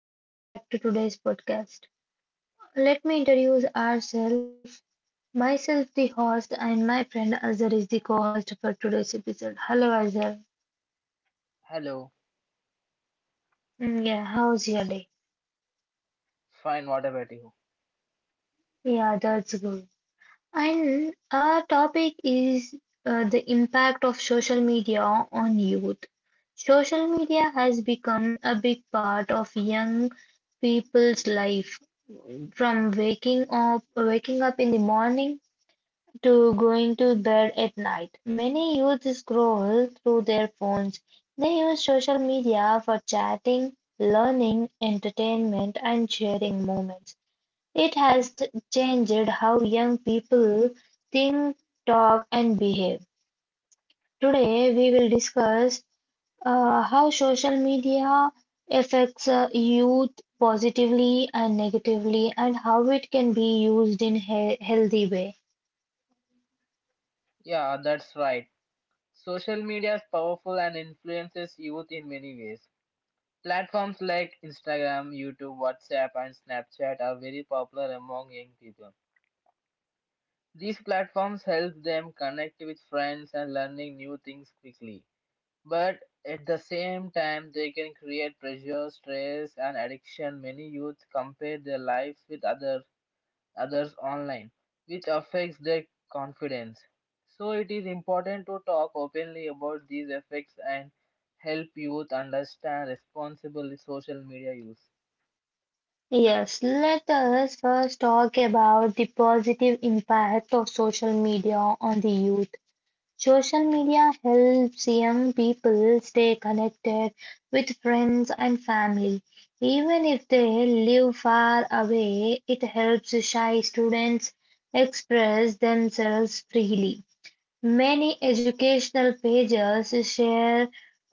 welcome back to today's podcast. Let me introduce ourselves. Myself, the host, and my friend Azhar is the co host for today's episode. Hello Azhar. Hello, Yeah, how's your day? fine, what about you? Yeah, that's good. And our topic is the impact of social media on youth. Social media has become a big part of young people's life from waking up in the morning to going to bed at night. Many youth scroll through their phones. They use social media for chatting, learning, entertainment, and sharing moments. It has changed how young people think, talk, and behave. Today, we will discuss how social media affects youth positively and negatively, and how it can be used in a healthy way. Yeah, that's right. Social media is powerful and influences youth in many ways. Platforms like Instagram, YouTube, WhatsApp, and Snapchat are very popular among young people. These platforms help them connect with friends and learning new things quickly. But at the same time, they can create pressure, stress, and addiction. Many youth compare their lives with others online, which affects their confidence. So, it is important to talk openly about these effects and help youth understand responsible social media use. Yes, let us first talk about the positive impact of social media on the youth. Social media helps young people stay connected with friends and family. Even if they live far away, it helps shy students express themselves freely. Many educational pages share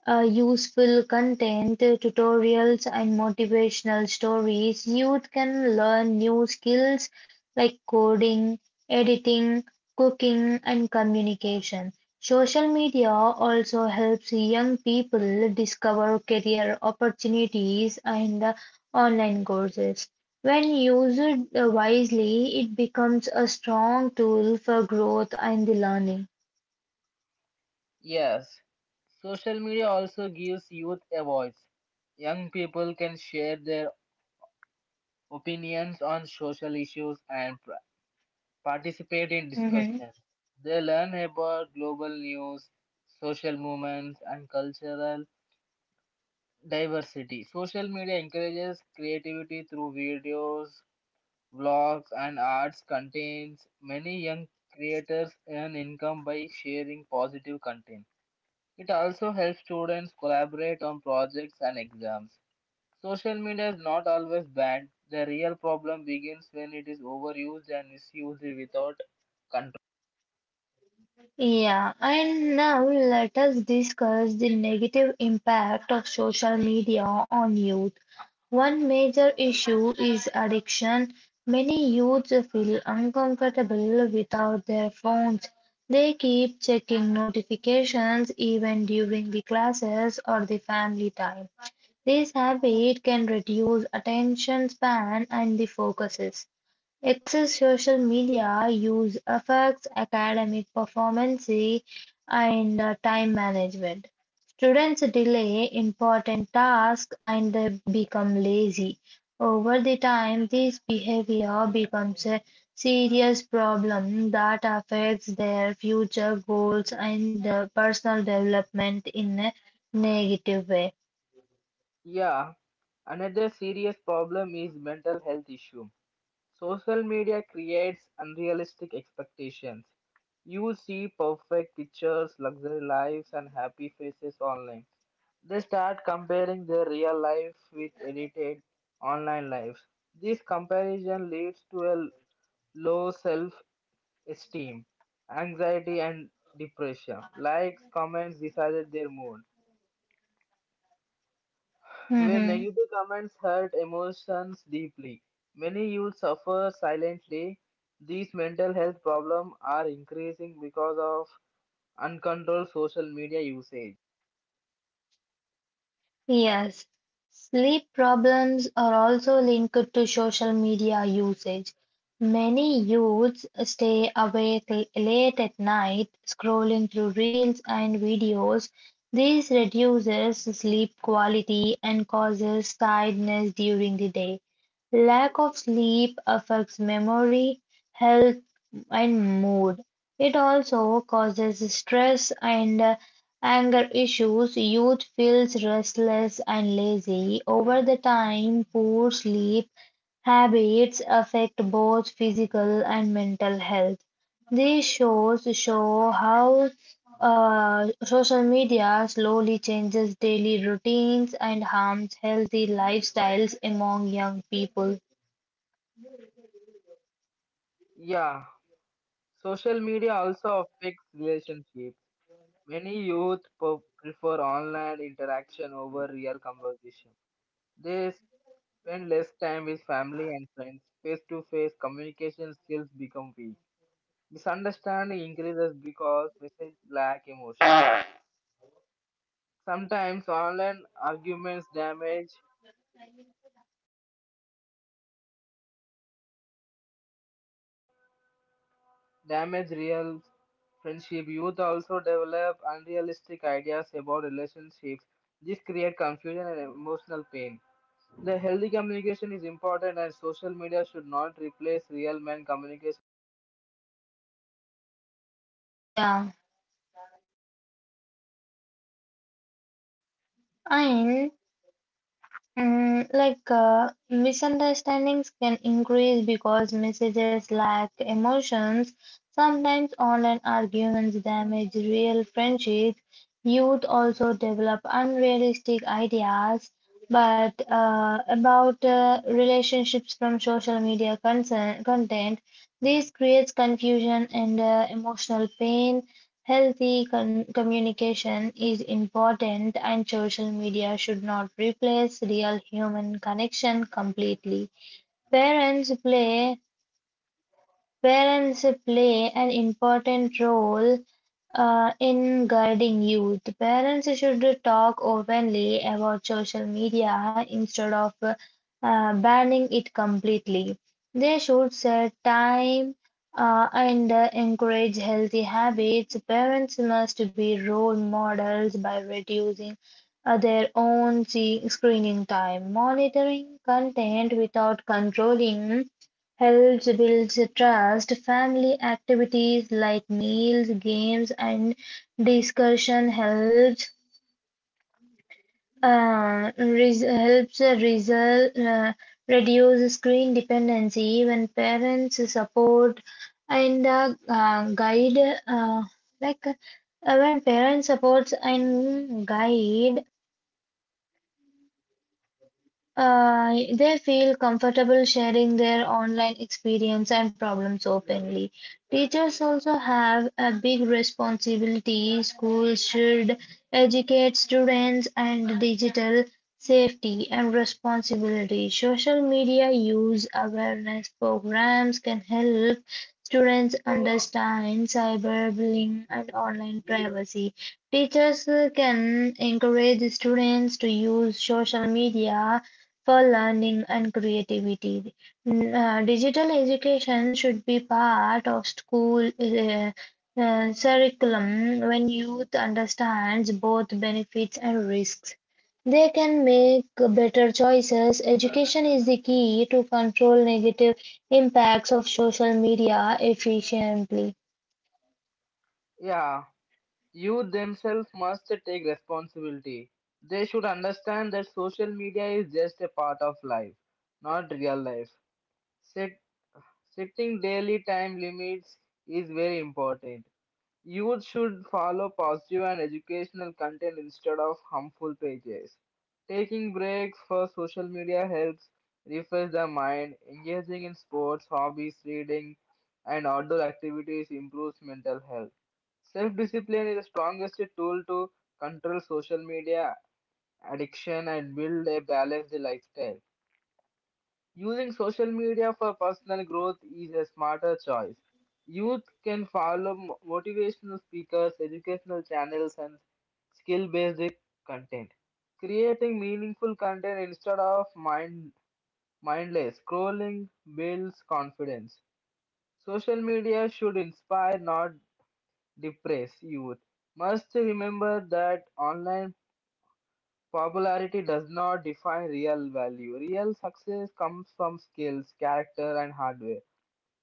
useful content, tutorials, and motivational stories. Youth can learn new skills like coding, editing, cooking, and communication. Social media also helps young people discover career opportunities and online courses. When used wisely, it becomes a strong tool for growth and learning. Yes, social media also gives youth a voice. Young people can share their opinions on social issues and participate in Hmm. discussions. They learn about global news, social movements, and cultural diversity. Social media encourages creativity through videos, vlogs, and arts contains many young creators earn income by sharing positive content. It also helps students collaborate on projects and exams. Social media is not always bad. The real problem begins when it is overused and misused without control. Yeah, and now let us discuss the negative impact of social media on youth. One major issue is addiction. Many youths feel uncomfortable without their phones. They keep checking notifications even during the classes or the family time. This habit can reduce attention span and the focuses. Excess social media use affects academic performance and time management. Students delay important tasks and they become lazy. Over the time, this behavior becomes a serious problem that affects their future goals and personal development in a negative way. Yeah, another serious problem is mental health issue. Social media creates unrealistic expectations. You see perfect pictures, luxury lives, and happy faces online. They start comparing their real life with edited online lives. This comparison leads to a low self esteem, anxiety, and depression. Likes, comments decided their mood, where Mhm. negative comments hurt emotions deeply. Many youth suffer silently. These mental health problems are increasing because of uncontrolled social media usage. Yes, sleep problems are also linked to social media usage. Many youths stay awake late at night scrolling through reels and videos. This reduces sleep quality and causes tiredness during the day. Lack of sleep affects memory, health, and mood. It also causes stress and anger issues. Youth feels restless and lazy. Over the time, poor sleep habits affect both physical and mental health. These shows show how social media slowly changes daily routines and harms healthy lifestyles among young people. Yeah, social media also affects relationships. Many youth prefer online interaction over real conversation. They spend less time with family and friends. Face to face communication skills become weak. Misunderstanding increases because messages lack emotion. Sometimes online arguments damage real friendship. Youth also develop unrealistic ideas about relationships. This creates confusion and emotional pain. The healthy communication is important and social media should not replace real man communication. Yeah, and misunderstandings can increase because messages lack emotions. Sometimes online arguments damage real friendships. Youth also develop unrealistic ideas, but about relationships from social media concern, content. This creates confusion and emotional pain. Healthy communication is important, and social media should not replace real human connection completely. Parents play Parents play an important role in guiding youth. Parents should talk openly about social media instead of banning it completely. They should set time and encourage healthy habits. Parents must be role models by reducing their own screening time, monitoring content without controlling. Helps build trust, family activities like meals, games and discussion helps helps result, reduce screen dependency when parents support and guide uh, like uh, when parents supports and guide. They feel comfortable sharing their online experience and problems openly. Teachers also have a big responsibility. Schools should educate students and digital safety and responsibility. Social media use awareness programs can help students understand cyberbullying and online privacy. Teachers can encourage students to use social media for learning and creativity. Digital education should be part of school curriculum when youth understands both benefits and risks. They can make better choices. Education is the key to control negative impacts of social media efficiently. Yeah, youth themselves must take responsibility. They should understand that social media is just a part of life, not real life. Set, Setting daily time limits is very important. Youth should follow positive and educational content instead of harmful pages. Taking breaks for social media helps refresh the mind. Engaging in sports, hobbies, reading, and outdoor activities improves mental health. Self discipline is the strongest tool to control social media addiction and build a balanced lifestyle. Using social media for personal growth is a smarter choice. Youth can follow motivational speakers, educational channels, and skill based content. Creating meaningful content instead of mindless scrolling builds confidence. Social media should inspire, not depress youth. Must remember that online popularity does not define real value. Real success comes from skills, character, and hardware.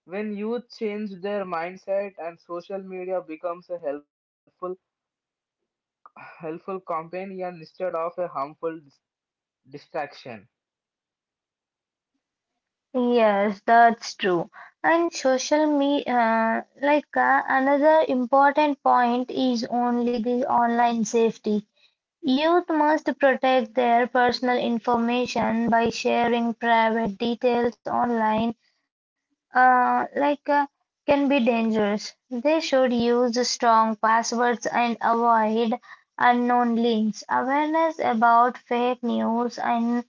When youth change their mindset and social media becomes a helpful companion instead of a harmful distraction. Yes, that's true. And social media, another important point is only the online safety. Youth must protect their personal information by sharing private details online uh, like uh, can be dangerous. They should use strong passwords and avoid unknown links. Awareness about fake news and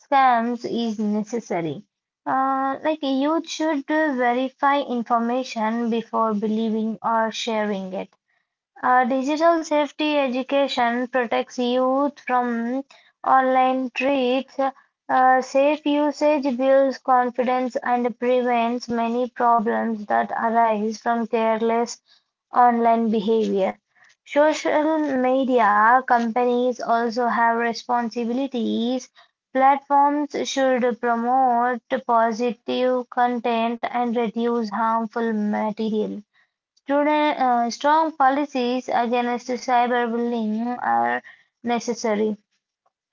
scams is necessary. Like you should verify information before believing or sharing it. Digital safety education protects youth from online threats. Safe usage builds confidence and prevents many problems that arise from careless online behavior. Social media companies also have responsibilities. Platforms should promote positive content and reduce harmful material. Today, strong policies against cyberbullying are necessary.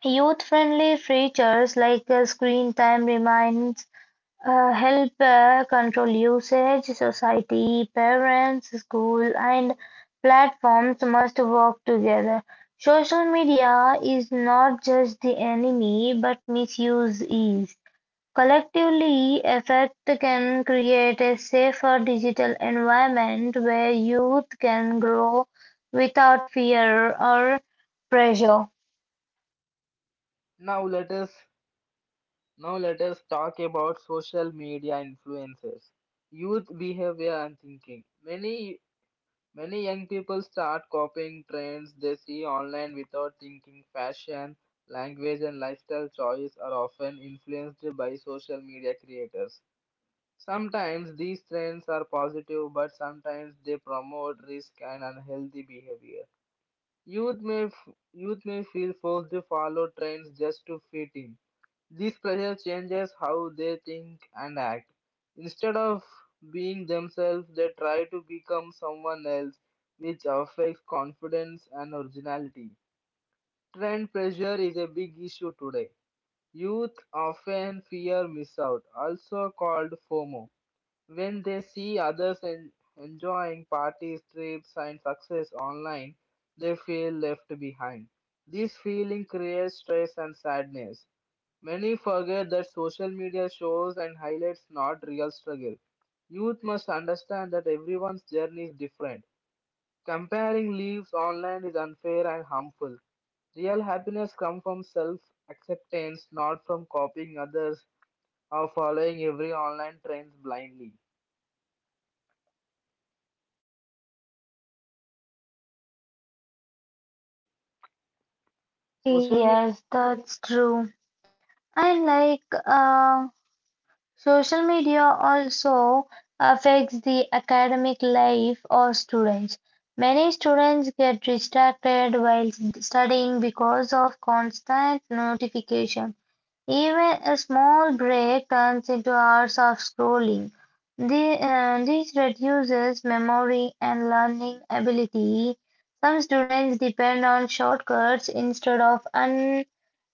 Youth-friendly features like screen time reminders help control usage. Society, parents, school, and platforms must work together. Social media is not just the enemy, but misuse is. Collectively, efforts can create a safer digital environment where youth can grow without fear or pressure. Now let us Now let us talk about social media influences, youth behavior and thinking. Many young people start copying trends they see online without thinking. Fashion, language, and lifestyle choice are often influenced by social media creators. Sometimes these trends are positive, but sometimes they promote risk and unhealthy behavior. Youth may feel forced to follow trends just to fit in. This pressure changes how they think and act. Instead of being themselves, they try to become someone else, which affects confidence and originality. Trend pressure is a big issue today. Youth often fear miss out, also called FOMO when they see others enjoying parties, trips, and success online, they feel left behind. This feeling creates stress and sadness. Many forget that social media shows and highlights not real struggle. Youth must understand that everyone's journey is different. Comparing lives online is unfair and harmful. Real happiness comes from self acceptance, not from copying others or following every online trend blindly. Social media, Yes, that's true. And social media also affects the academic life of students. Many students get distracted while studying because of constant notification. Even a small break turns into hours of scrolling. This reduces memory and learning ability. Some students depend on shortcuts instead of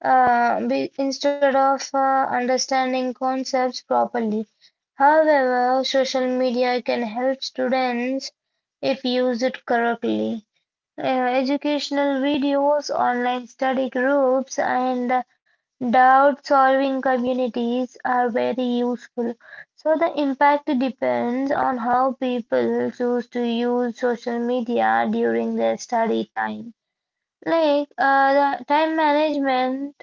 uh, be, instead of understanding concepts properly. However, social media can help students if used correctly. Educational videos, online study groups, and doubt solving communities are very useful. So, the impact depends on how people choose to use social media during their study time. The time management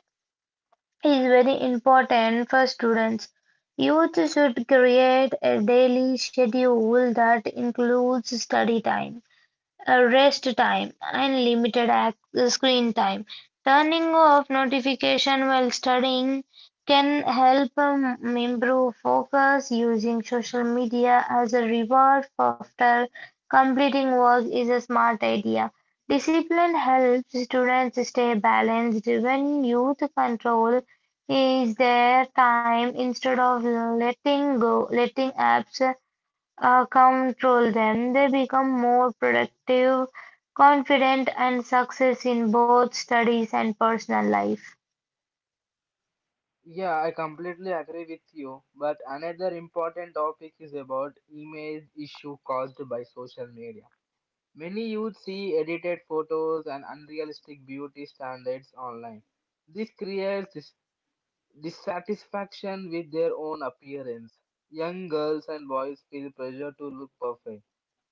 is very important for students. Youth should create a daily schedule that includes study time rest time, and limited ac screen time. Turning off notification while studying can help improve focus. Using social media as a reward after completing work is a smart idea. Discipline helps students stay balanced when youth control is their time instead of letting go letting apps control them, they become more productive, confident, and success in both studies and personal life. yeah, I completely agree with you. But another important topic is about image issue caused by social media. Many youth see edited photos and unrealistic beauty standards online. This creates dissatisfaction with their own appearance. Young girls and boys feel pressure to look perfect.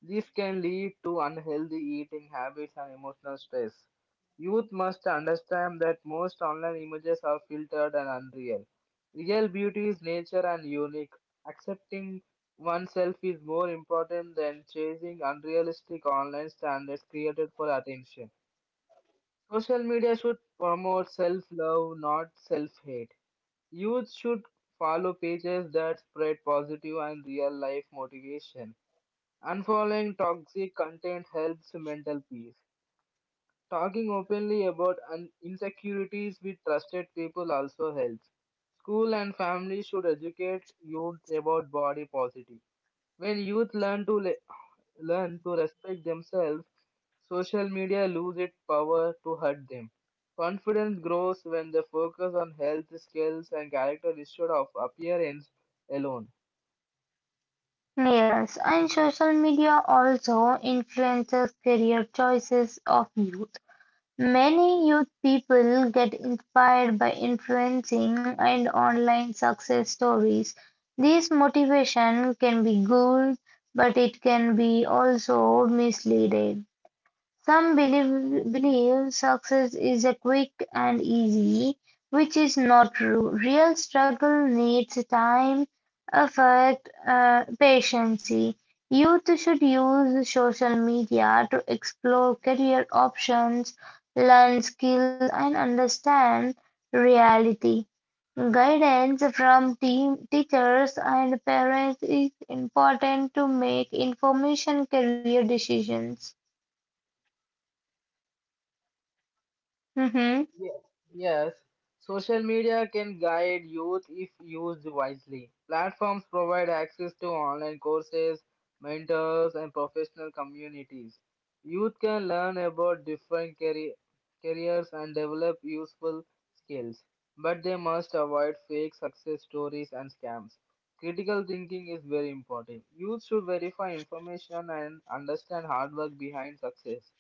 This can lead to unhealthy eating habits and emotional stress. Youth must understand that most online images are filtered and unreal. Real beauty is nature and unique. Accepting oneself is more important than chasing unrealistic online standards created for attention. Social media should promote self love, not self hate. Youth should follow pages that spread positive and real life motivation. Unfollowing toxic content helps mental peace. Talking openly about insecurities with trusted people also helps. School and family should educate youth about body positive. When youth learn to respect themselves, social media lose its power to hurt them. Confidence grows when they focus on health, skills, and character instead of appearance alone. Yes, and social media also influences career choices of youth. Many youth people get inspired by influencing and online success stories. This motivation can be good, but it can be also misleading. Some believe success is a quick and easy, which is not true. Real struggle needs time, effort, patience. Youth should use social media to explore career options, learn skills, and understand reality. Guidance from team, teachers and parents is important to make information career decisions. Mhm. Yes, yes. Social media can guide youth if used wisely. Platforms provide access to online courses, mentors, and professional communities. Youth can learn about careers and develop useful skills, but they must avoid fake success stories and scams. Critical thinking is very important. Youth should verify information and understand hard work behind success.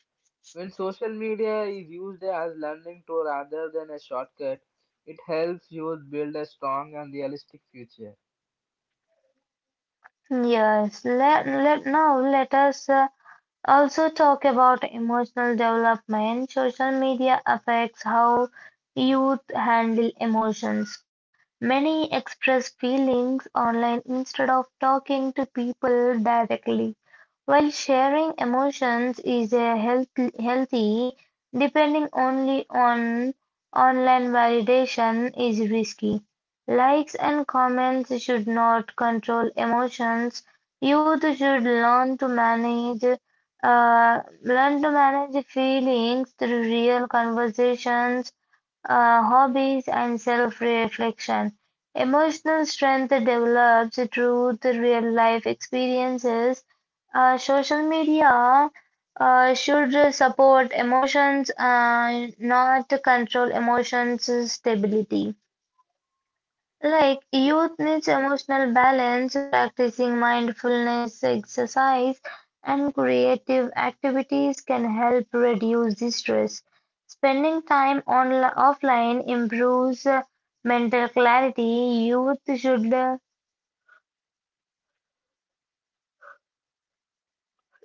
When social media is used as learning tool rather than a shortcut, it helps youth build a strong and realistic future. Yes, let us also talk about emotional development. Social media affects how youth handle emotions. Many express feelings online instead of talking to people directly. While sharing emotions is healthy, depending only on online validation is risky. Likes and comments should not control emotions. Youth should learn to manage feelings through real conversations hobbies, and self reflection. Emotional strength develops through the real life experiences. Social media should support emotions and not control emotions' stability. Like youth needs emotional balance, practicing mindfulness, exercise, and creative activities can help reduce the stress. Spending time on offline improves mental clarity. Youth should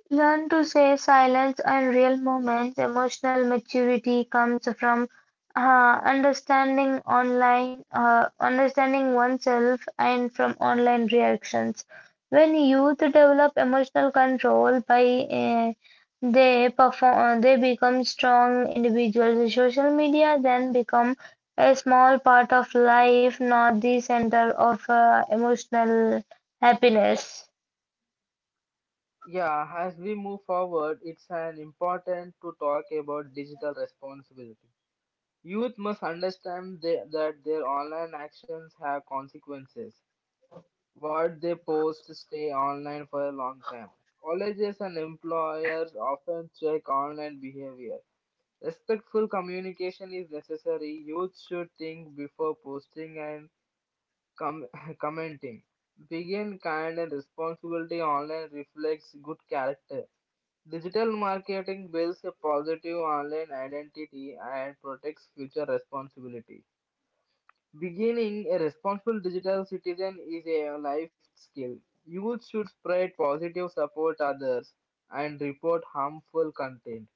learn to say silence and real moments. Emotional maturity comes from understanding oneself, and from online reactions. When youth develop emotional control by uh, they become strong individuals. Social media then become a small part of life, not the center of emotional happiness. Yeah, as we move forward, it's an important to talk about digital responsibility. Youth must understand that their online actions have consequences. What they post stay online for a long time. Colleges and employers often check online behavior. Respectful communication is necessary. Youth should think before posting and com- commenting. Begin kind and responsibility online reflects good character. Digital marketing builds a positive online identity and protects future responsibility. Beginning a responsible digital citizen is a life skill. Youth should spread positive support others and report harmful content.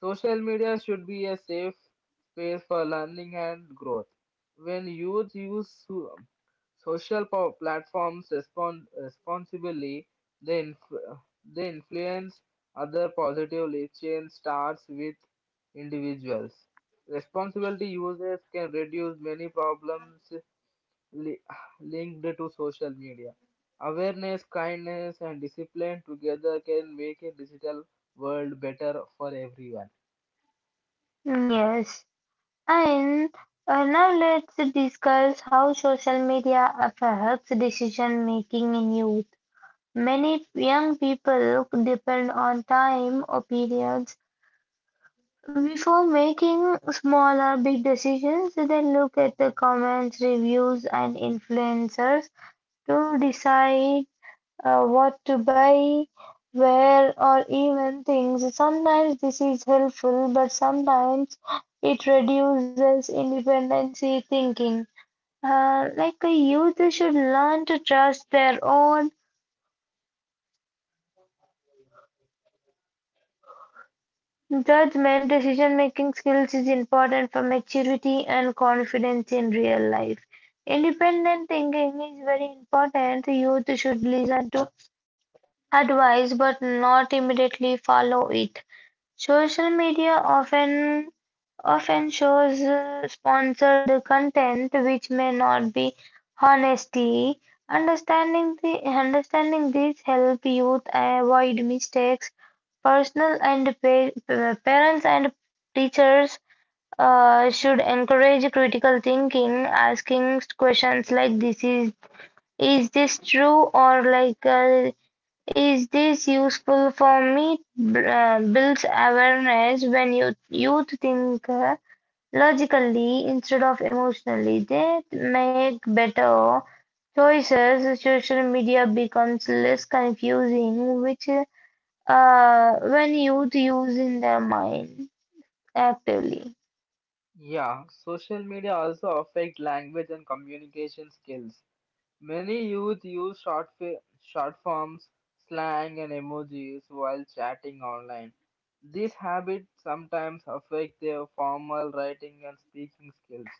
Social media should be a safe space for learning and growth. When youth use social platforms responsibly, they, inf- they influence other positively. Change starts with individuals. Responsibility users can reduce many problems li- linked to social media. Awareness, kindness, and discipline together can make a digital world better for everyone. Yes. And now let's discuss how social media affects decision making in youth. Many young people depend on time opinions before making small or big decisions. They look at the comments, reviews, and influencers to decide what to buy, where, or even things. Sometimes this is helpful, but sometimes it reduces independency thinking. The youth should learn to trust their own judgment. Decision making skills is important for maturity and confidence in real life. Independent thinking is very important. Youth should listen to advice but not immediately follow it. Social media often often shows sponsored content which may not be honesty. Understanding the Understanding this help youth avoid mistakes. Parents and teachers should encourage critical thinking, asking questions like this is this true or is this useful for me? Builds awareness when youth think logically instead of emotionally. They make better choices. Social media becomes less confusing, which when youth use in their mind actively. Yeah, social media also affect language and communication skills. Many youth use short forms, slang and emojis while chatting online. This habit sometimes affect their formal writing and speaking skills.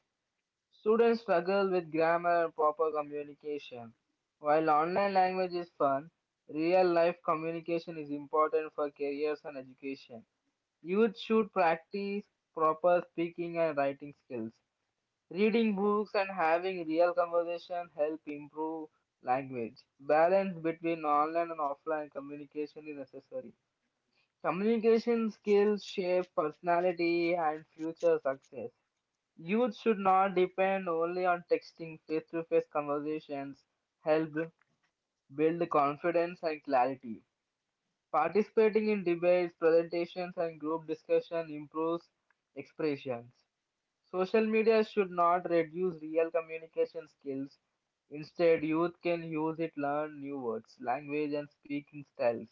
Students struggle with grammar and proper communication. While online language is fun, real life communication is important for careers and education. Youth should practice proper speaking and writing skills. Reading books and having real conversation help improve language. Balance between online and offline communication is necessary. Communication skills shape personality and future success. Youth should not depend only on texting. Face-to-face conversations help build confidence and clarity. Participating in debates, presentations, and group discussion improves expressions. Social media should not reduce real communication skills. Instead, youth can use it learn new words, language and speaking styles.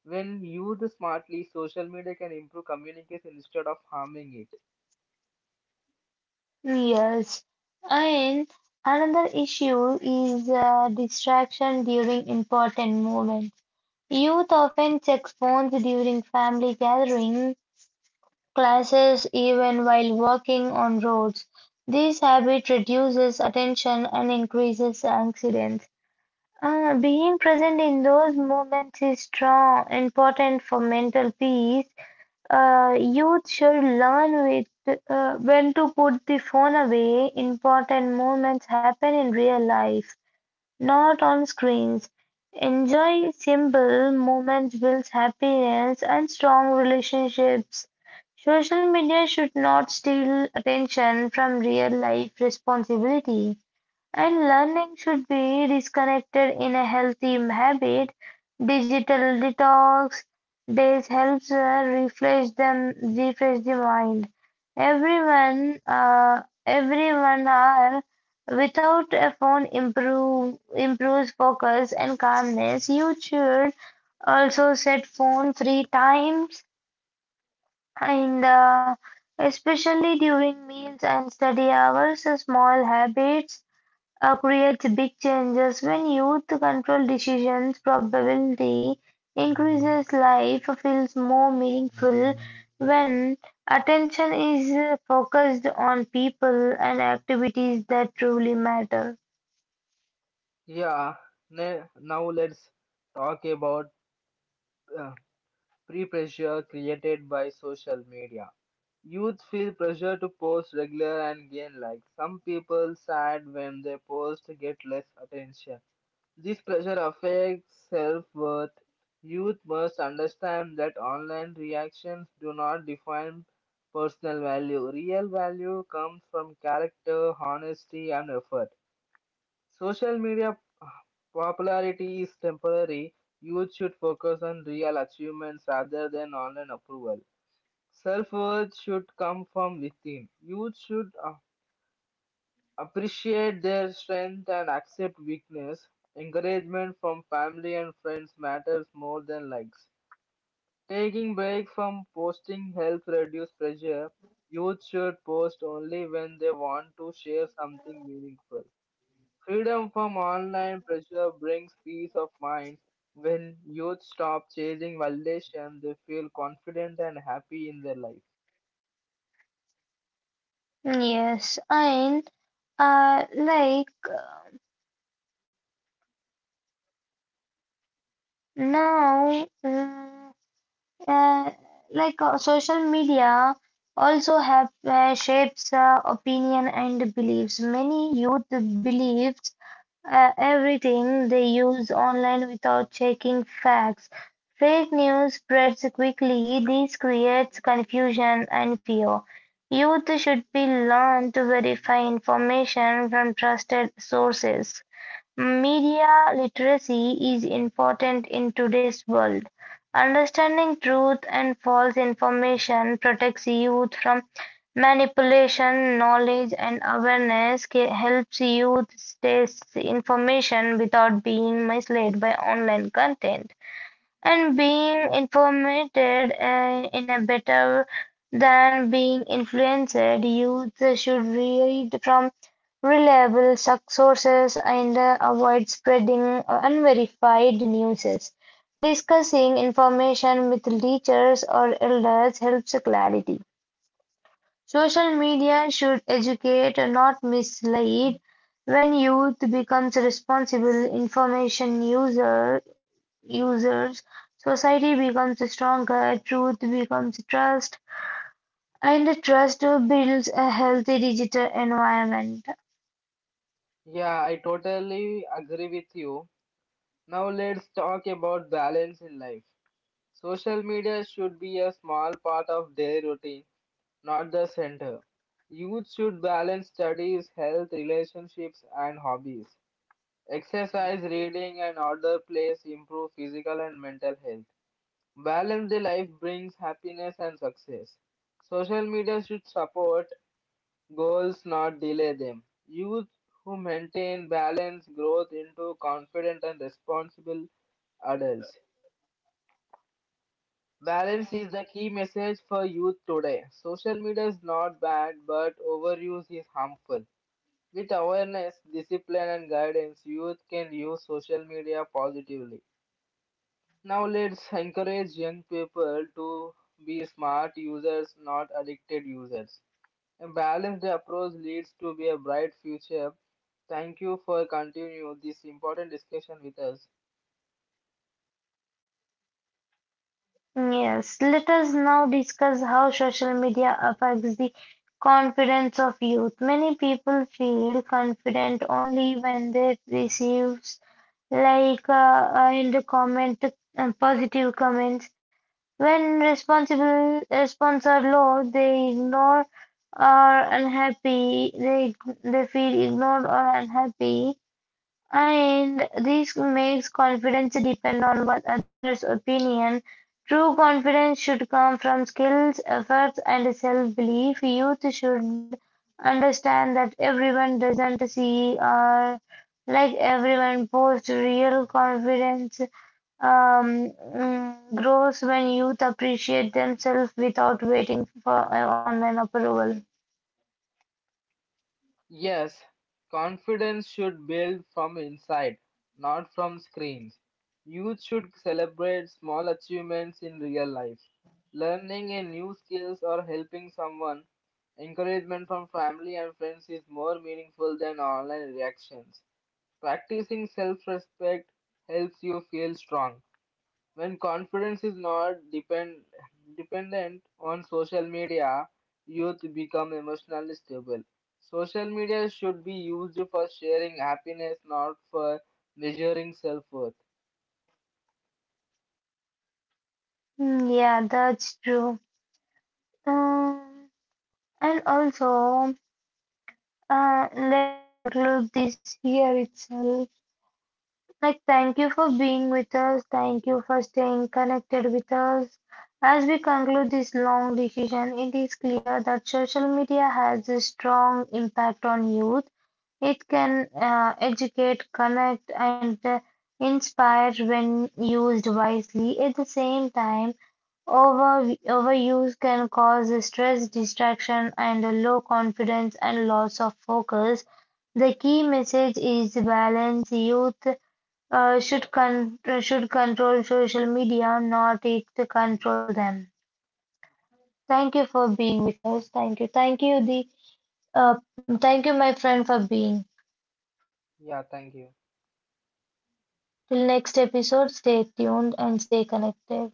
When used smartly, social media can improve communication instead of harming it. Yes, and another issue is distraction during important moments. Youth often check phones during family gatherings, classes, even while walking on roads. This habit reduces attention and increases accidents. Being present in those moments is important for mental peace. Youth should learn when to put the phone away. Important moments happen in real life. Not on screens, enjoy simple moments, builds happiness, and strong relationships. Social media should not steal attention from real life responsibility. And learning should be disconnected in a healthy habit. Digital detox days helps refresh the mind. Everyone are without a phone improves focus and calmness. You should also set phone free times in the especially during meals and study hours. Small habits creates big changes. When youth control decisions, probability increases, life feels more meaningful. When attention is focused on people and activities that truly matter. Yeah, now let's talk about uh, pressure created by social media. Youth feel pressure to post regular and gain likes. Some people sad when their post get less attention. This pressure affects self worth. Youth must understand that online reactions do not define personal value. Real value comes from character, honesty, and effort. Social media popularity is temporary. Youth should focus on real achievements rather than online approval. Self worth should come from within. Youth should appreciate their strength and accept weakness. Encouragement from family and friends matters more than likes. Taking break from posting helps reduce pressure. Youth should post only when they want to share something meaningful. Freedom from online pressure brings peace of mind. When youth stop chasing validation, they feel confident and happy in their life. Yes, and like now, mm, uh, like social media also have shapes opinion and beliefs. Many youth believe everything they use online without checking facts. Fake news spreads quickly. This creates confusion and fear. Youth should be learned to verify information from trusted sources. Media literacy is important in today's world. Understanding truth and false information protects youth from manipulation. Knowledge and awareness helps youth stay information without being misled by online content. And being informed in a better than being influenced, youth should read from reliable sources and avoid spreading unverified news. Discussing information with teachers or elders helps clarity. Social media should educate, not mislead. When youth becomes users, society becomes stronger, truth becomes trust, and trust builds a healthy digital environment. Yeah, I totally agree with you. Now let's talk about balance in life. Social media should be a small part of their routine, not the center. Youth should balance studies, health, relationships, and hobbies. Exercise, reading, and other plays improve physical and mental health. Balance the life brings happiness and success. Social media should support goals, not delay them. Youth who maintain balance growth into confident and responsible adults. Balance is the key message for youth today. Social media is not bad, but overuse is harmful. With awareness, discipline, and guidance, youth can use social media positively. Now, let's encourage young people to be smart users, not addicted users. A balanced approach leads to be a bright future. Thank you for continuing this important discussion with us. Yes, let us now discuss how social media affects the confidence of youth. Many people feel confident only when they receive like and comment positive comments. When responsible responses are low, or unhappy. They, they feel ignored or unhappy. And this makes confidence depend on what others' opinion. True confidence should come from skills, efforts, and self-belief. Youth should understand that everyone doesn't see or like everyone posts real confidence grows when youth appreciate themselves without waiting for online approval. Yes, confidence should build from inside, not from screens. Youth should celebrate small achievements in real life. Learning a new skills or helping someone, encouragement from family and friends is more meaningful than online reactions. Practicing self-respect helps you feel strong when confidence is not dependent on social media, youth become emotionally stable. Social media should be used for sharing happiness, not for measuring self worth. Yeah, that's true. Um, and also, let's conclude this here itself. Like, thank you for being with us. Thank you for staying connected with us. As we conclude this long decision, it is clear that social media has a strong impact on youth. It can educate, connect, and inspire when used wisely. At the same time, overuse can cause stress, distraction, and low confidence and loss of focus. The key message is balance. Youth should control social media, not it to control them. Thank you for being with us. Thank you. Thank you, the uh, Thank you, my friend, for being. Yeah, thank you. Till next episode, stay tuned and stay connected.